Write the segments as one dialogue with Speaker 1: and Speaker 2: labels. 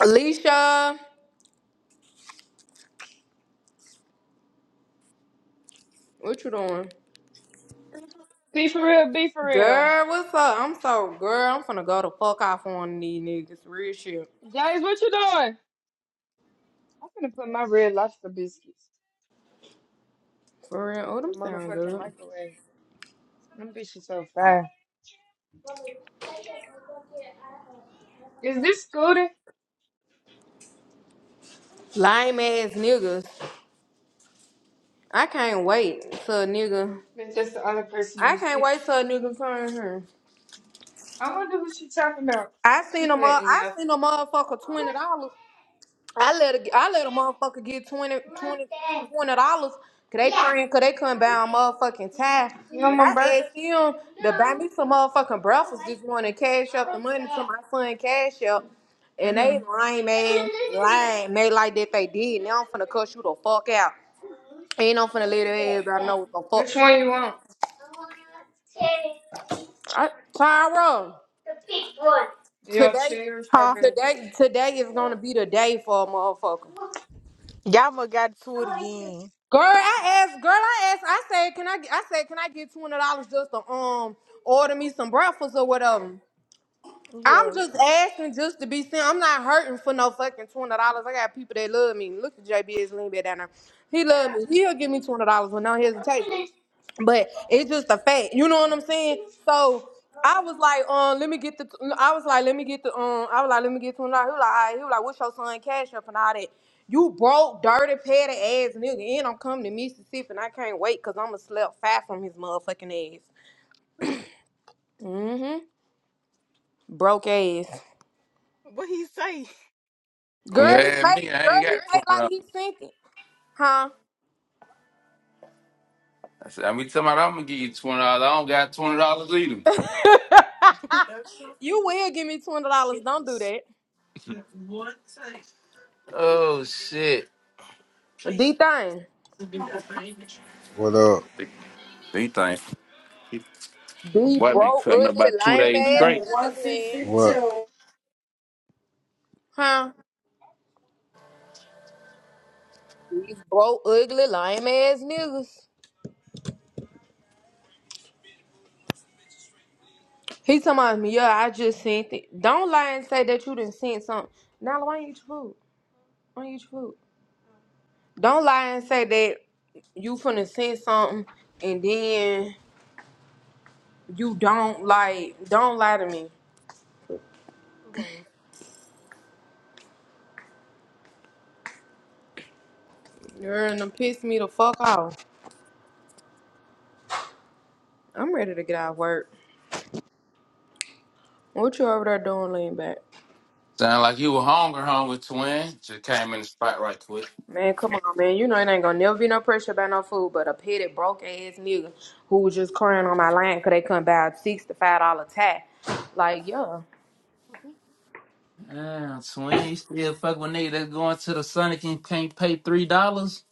Speaker 1: Alicia, what you doing?
Speaker 2: Be for real, be for real.
Speaker 1: Girl, what's up? I'm so girl. I'm finna go to fuck off on one of these niggas. Real shit.
Speaker 2: James, what you doing? I'm gonna put my red lobster biscuits
Speaker 1: For real. Oh,
Speaker 2: in
Speaker 1: them
Speaker 2: the
Speaker 1: sound
Speaker 2: motherfucking
Speaker 1: good.
Speaker 2: microwave. Them bitches so fire. Is this Scooter?
Speaker 1: Lame ass niggas. I can't wait till a nigga.
Speaker 2: That's just the other person
Speaker 1: I
Speaker 2: you
Speaker 1: can't
Speaker 2: speak.
Speaker 1: wait till a nigga turn here.
Speaker 2: I wonder who she talking about.
Speaker 1: I seen
Speaker 2: She
Speaker 1: a mo-
Speaker 2: said,
Speaker 1: I
Speaker 2: yeah.
Speaker 1: seen a motherfucker $20. I let a, I let a motherfucker get twenty twenty 20 dollars. Cause they couldn't, cause they couldn't buy a motherfucking tie.
Speaker 2: You want
Speaker 1: And
Speaker 2: my
Speaker 1: I asked
Speaker 2: burger?
Speaker 1: him to buy me some motherfucking breakfast this morning, cash up the money to my son, cash up. And they
Speaker 2: Mm-hmm.
Speaker 1: lame ass, lame, they like that they did. Now I'm finna cuss you the fuck out. Ain't I'm finna let everybody know what the
Speaker 2: Which
Speaker 1: fuck.
Speaker 2: one you want?
Speaker 1: I, Tyra,
Speaker 2: You want
Speaker 1: today,
Speaker 2: cherry or
Speaker 3: Huh?
Speaker 2: strawberry?
Speaker 1: today, today is gonna be the day for a motherfucker.
Speaker 3: Yama got to it again.
Speaker 1: Girl, I asked. Girl, I asked. I said, "Can I?" get- I said, "Can I get two hundred dollars just to um order me some breakfast or whatever?"
Speaker 3: Yeah.
Speaker 1: I'm just asking just to be seen. I'm not hurting for no fucking two hundred dollars. I got people that love me. Look at JBS lean back down there. He love me. He'll give me two hundred dollars with no hesitation but it's just a fact. You know what I'm saying? So I was like, um, let me get the. I was like, let me get the. Um, I was like, let me get to him. He was like, all right. he was like, what's your son cash up and all that. You broke, dirty, petty ass nigga, and I'm coming to Mississippi, and I can't wait because I'm going to slap fat from his motherfucking ass. Mm-hmm. Broke ass.
Speaker 3: What he say?
Speaker 1: Girl, he
Speaker 4: Yeah,
Speaker 1: make.
Speaker 4: me, I ain't
Speaker 1: Girl,
Speaker 4: got
Speaker 1: he make
Speaker 4: twenty
Speaker 1: like he
Speaker 4: dollars.
Speaker 1: sent it, huh?
Speaker 4: I said, I'm every time I'm gonna give you twenty dollars, I don't got twenty dollars either.
Speaker 1: you will give me twenty dollars. Don't do that.
Speaker 4: Oh shit.
Speaker 1: D thing.
Speaker 5: What up?
Speaker 4: These things, my
Speaker 1: These
Speaker 4: boy been
Speaker 1: broke,
Speaker 4: cutting up
Speaker 1: ugly,
Speaker 4: about two
Speaker 1: lame
Speaker 4: days
Speaker 1: ass
Speaker 5: Number
Speaker 4: straight.
Speaker 1: niggas, man.
Speaker 5: 162. What?
Speaker 1: Huh? These broke, ugly, lame ass niggas. He talking about me, yeah, I just sent it. Don't lie and say that you didn't send something. Now why ain't you eat your food? Why ain't you eat your food? Don't lie and say that you finna send something and then you don't like don't lie to me.
Speaker 3: boy?
Speaker 1: You're gonna piss me the fuck off. I'm ready to get out of work. What you over there doing laying back?
Speaker 4: Sound like you were hungry, hungry twin. Just came in the spot right quick.
Speaker 1: Man, come on, man. You know it ain't gonna never be no pressure about no food, but a petty broke ass nigga who was just crying on my line because they couldn't buy a six to five dollar tie. Like, yeah.
Speaker 4: Damn, twin, you still fuck with nigga that's going to the Sonic and can't pay three dollars?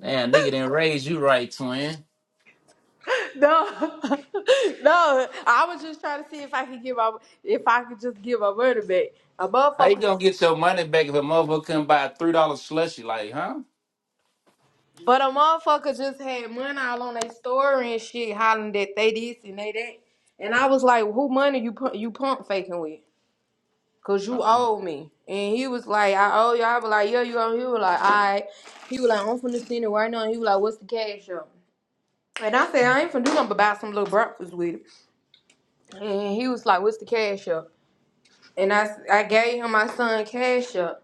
Speaker 4: Damn, nigga didn't raise you right, twin.
Speaker 1: No, no. I was just trying to see if I could give my if I could just give my money back. A
Speaker 4: How you
Speaker 1: motherfucker,
Speaker 4: gonna
Speaker 1: was-
Speaker 4: get your money back if a motherfucker couldn't buy a three dollar slushy? Like, huh?
Speaker 1: but a motherfucker just had money all on their story and shit, hollering that they this and they that. And I was like, who money you pu- you pump faking with? Cause you
Speaker 4: Oh,
Speaker 1: owe me. And he was like, I owe you. I was like, yeah, you owe me. He was like, all right. He was like, I'm finna send it right now. And he was like, what's the cash up? And I said, I ain't finna do nothing but buy some little breakfast with it. And he was like, what's the cash up? And I, s- I gave him my son cash up.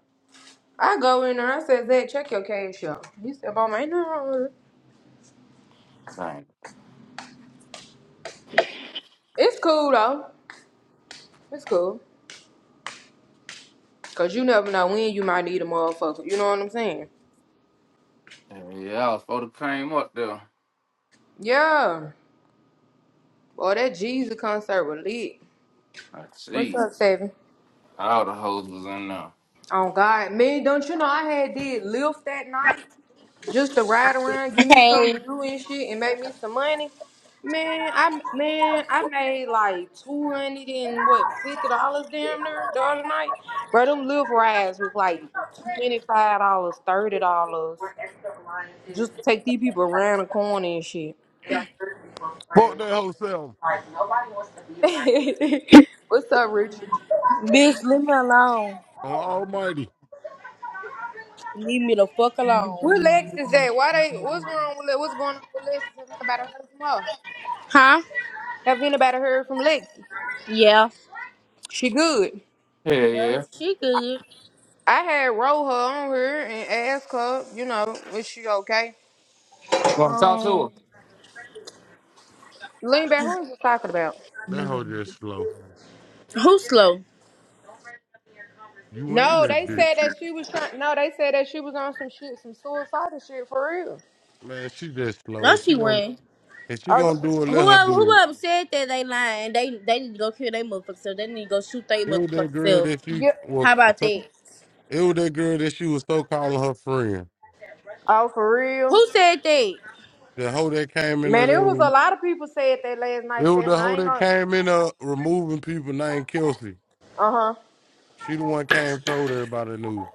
Speaker 1: I go in there. I said, Zach, check your cash up. He said, Mama, ain't nothing wrong with it.
Speaker 4: Dang.
Speaker 1: It's cool, though. It's cool. Cause you never know when you might need a motherfucker. You know what I'm saying?
Speaker 4: Yeah, I was supposed to came up there.
Speaker 1: Yeah. Boy, that Jesus concert was lit.
Speaker 4: I
Speaker 1: What's
Speaker 4: see.
Speaker 1: up, Seven?
Speaker 4: All the hoes was in there.
Speaker 1: Oh God, man, don't you know I had did lift that night just to ride around, give me
Speaker 6: Hey,
Speaker 1: something to do and shit, and make me some money. Man, I man, I made like two hundred and what fifty dollars damn near the other night. Bro, them lift rides was like twenty five dollars, thirty dollars just to take these people around the corner and shit.
Speaker 7: Fuck that whole self.
Speaker 1: What's up, Rich?
Speaker 6: bitch, leave me alone.
Speaker 7: On Almighty.
Speaker 6: Leave me the fuck alone.
Speaker 1: Where Lex is at? Why they? What's wrong with Lex? What's going on with Lex? Have anybody heard from her?
Speaker 6: Huh?
Speaker 1: Have anybody heard from Lex?
Speaker 6: Yeah.
Speaker 1: She good.
Speaker 4: Yeah,
Speaker 6: Yeah,
Speaker 4: yeah.
Speaker 6: she good.
Speaker 1: I had roll her on her and ask her, you know, is she okay?
Speaker 4: Want to talk to her?
Speaker 6: Um,
Speaker 1: Lean back. Who is this talking about?
Speaker 7: That hoe just slow.
Speaker 6: who slow?
Speaker 7: You in
Speaker 1: No,
Speaker 7: that
Speaker 1: they said
Speaker 7: bitch.
Speaker 1: that she was trying. No, they said that she was on some shit, some suicidal shit for real.
Speaker 7: Man, she just slow.
Speaker 6: No,
Speaker 7: And she
Speaker 6: she
Speaker 7: gonna
Speaker 6: went.
Speaker 7: and she
Speaker 1: Oh,
Speaker 7: gonna
Speaker 1: sh-
Speaker 7: do it, let her
Speaker 6: Whoever,
Speaker 7: do it.
Speaker 6: whoever said that they lying, they they need to go kill their motherfucker self. They need to go shoot their
Speaker 7: It was
Speaker 6: motherfucker
Speaker 7: that girl
Speaker 6: self.
Speaker 7: that she
Speaker 1: yeah.
Speaker 7: well
Speaker 6: How about
Speaker 7: so-
Speaker 6: that?
Speaker 7: it was that girl that she was so calling her friend.
Speaker 1: Oh, for real.
Speaker 6: Who said that?
Speaker 7: The hoe that came in there
Speaker 1: Man, it
Speaker 7: that
Speaker 1: was a
Speaker 7: was-
Speaker 1: lot of people said that last
Speaker 7: it
Speaker 1: night.
Speaker 7: was the
Speaker 1: Seven.
Speaker 7: hoe
Speaker 1: I ain't
Speaker 7: that
Speaker 1: gonna.
Speaker 7: came in there, removing people named Kelsey.
Speaker 1: Uh huh.
Speaker 7: She the one came told everybody knew.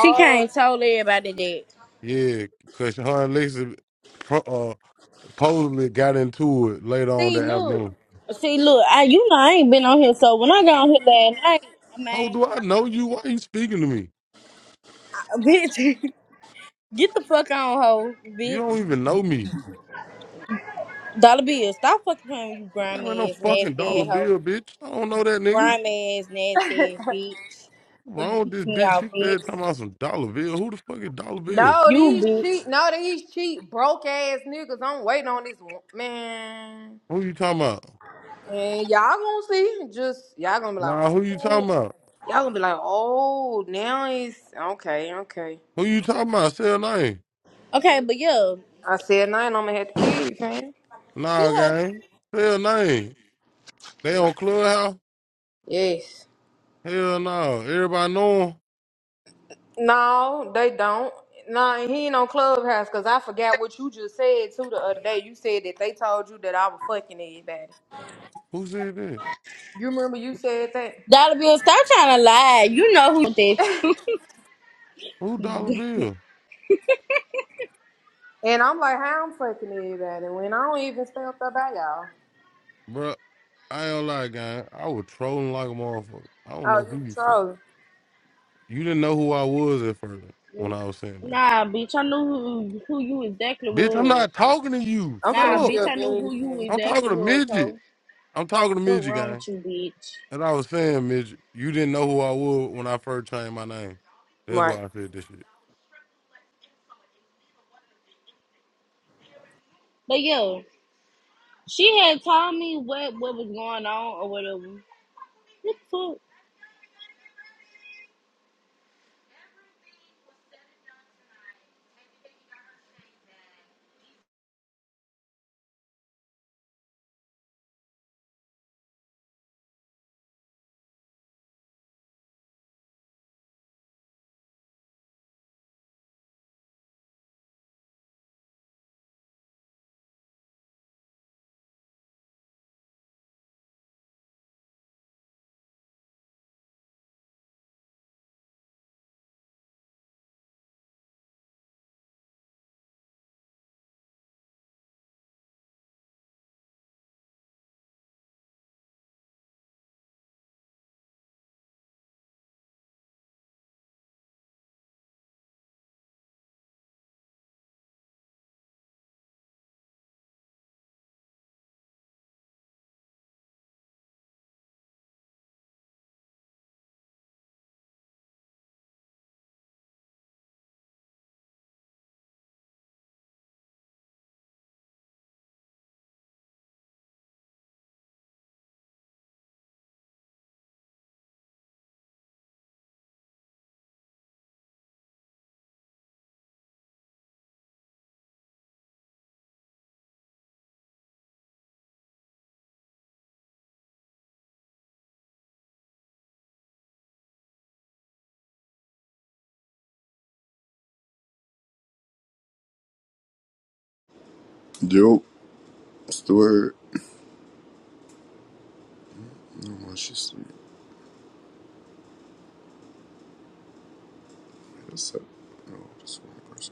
Speaker 6: She can't told everybody that.
Speaker 7: Yeah, cause her and Lisa pro, uh, supposedly got into it later on
Speaker 6: See,
Speaker 7: that
Speaker 6: look.
Speaker 7: afternoon.
Speaker 6: See, look. I, you know, I ain't been on here, so when I got on here last
Speaker 7: How
Speaker 6: night,
Speaker 7: do I know you? Why you speaking to me?
Speaker 6: I mean, bitch, get the fuck on, hoe,
Speaker 7: You
Speaker 6: bitch.
Speaker 7: don't even know me.
Speaker 6: Dollar Bill, stop fucking playing with you
Speaker 7: I ain't got no
Speaker 6: grimy ass,
Speaker 7: fucking
Speaker 6: nasty
Speaker 7: dollar
Speaker 6: ass hoe.
Speaker 7: bill, bitch. I don't know that nigga.
Speaker 6: Grimy ass, nasty ass bitch. For you
Speaker 7: Wrong with this
Speaker 6: pick me
Speaker 7: bitch. She
Speaker 6: out,
Speaker 7: said
Speaker 6: bitch.
Speaker 7: talking about some dollar bill. Who the fuck is dollar bill?
Speaker 1: No,
Speaker 6: You
Speaker 1: these
Speaker 6: bitch.
Speaker 1: cheap. No, these cheap broke ass niggas. I'm waiting on this one. man.
Speaker 7: Who you talking about?
Speaker 1: And y'all gonna see. Just y'all gonna be like,
Speaker 7: Nah, who you
Speaker 1: oh.
Speaker 7: talking about?
Speaker 1: Y'all gonna be like, oh, now it's okay, okay.
Speaker 7: Who you talking about? Say a name.
Speaker 6: Okay, but yeah.
Speaker 1: I said nine, I'm gonna have to kill you, fam.
Speaker 6: She
Speaker 7: Nah,
Speaker 6: has
Speaker 7: gang. Say a name. They on Clubhouse?
Speaker 1: Yes.
Speaker 7: Hell no. Everybody know 'em.
Speaker 1: No, they don't. No, and he ain't on Clubhouse because I forgot what you just said too the other day. You said that they told you that I was fucking everybody.
Speaker 7: Who said that?
Speaker 1: You remember you said that?
Speaker 6: Dollar Bill, stop trying to lie. You know who that
Speaker 7: Who dollar
Speaker 6: you.
Speaker 7: bill?
Speaker 1: And I'm like, how I'm fucking everybody when I don't even stay up there by y'all.
Speaker 7: Bruh, I ain't gonna lie, gang. I was trolling like a motherfucker. I don't know
Speaker 1: Oh, you
Speaker 7: who
Speaker 1: were
Speaker 7: you fuck.
Speaker 1: trolling.
Speaker 7: You didn't know who I was at first when I was saying that.
Speaker 6: nah, bitch, I knew who, who you exactly
Speaker 7: Bitch, I'm
Speaker 6: was.
Speaker 7: not talking to you.
Speaker 1: I'm
Speaker 7: Shut
Speaker 6: Nah,
Speaker 1: finna give
Speaker 7: up.
Speaker 1: you
Speaker 6: bitch,
Speaker 1: a
Speaker 6: I knew
Speaker 1: bean.
Speaker 6: who you
Speaker 7: I'm talking
Speaker 6: exactly
Speaker 7: to
Speaker 6: was,
Speaker 7: Midget.
Speaker 6: so
Speaker 7: I'm talking to
Speaker 6: what
Speaker 7: Midget,
Speaker 6: wrong with
Speaker 7: gang.
Speaker 6: you, bitch?
Speaker 7: As I was saying, Midget, you didn't know who I was when I first changed my name. That's
Speaker 1: Right.
Speaker 7: why I said this shit.
Speaker 6: But yeah, she had told me what, what was going on or whatever. What the fuck?
Speaker 8: Dope. That's the word. No, she's sleep. That's up. No, just one person.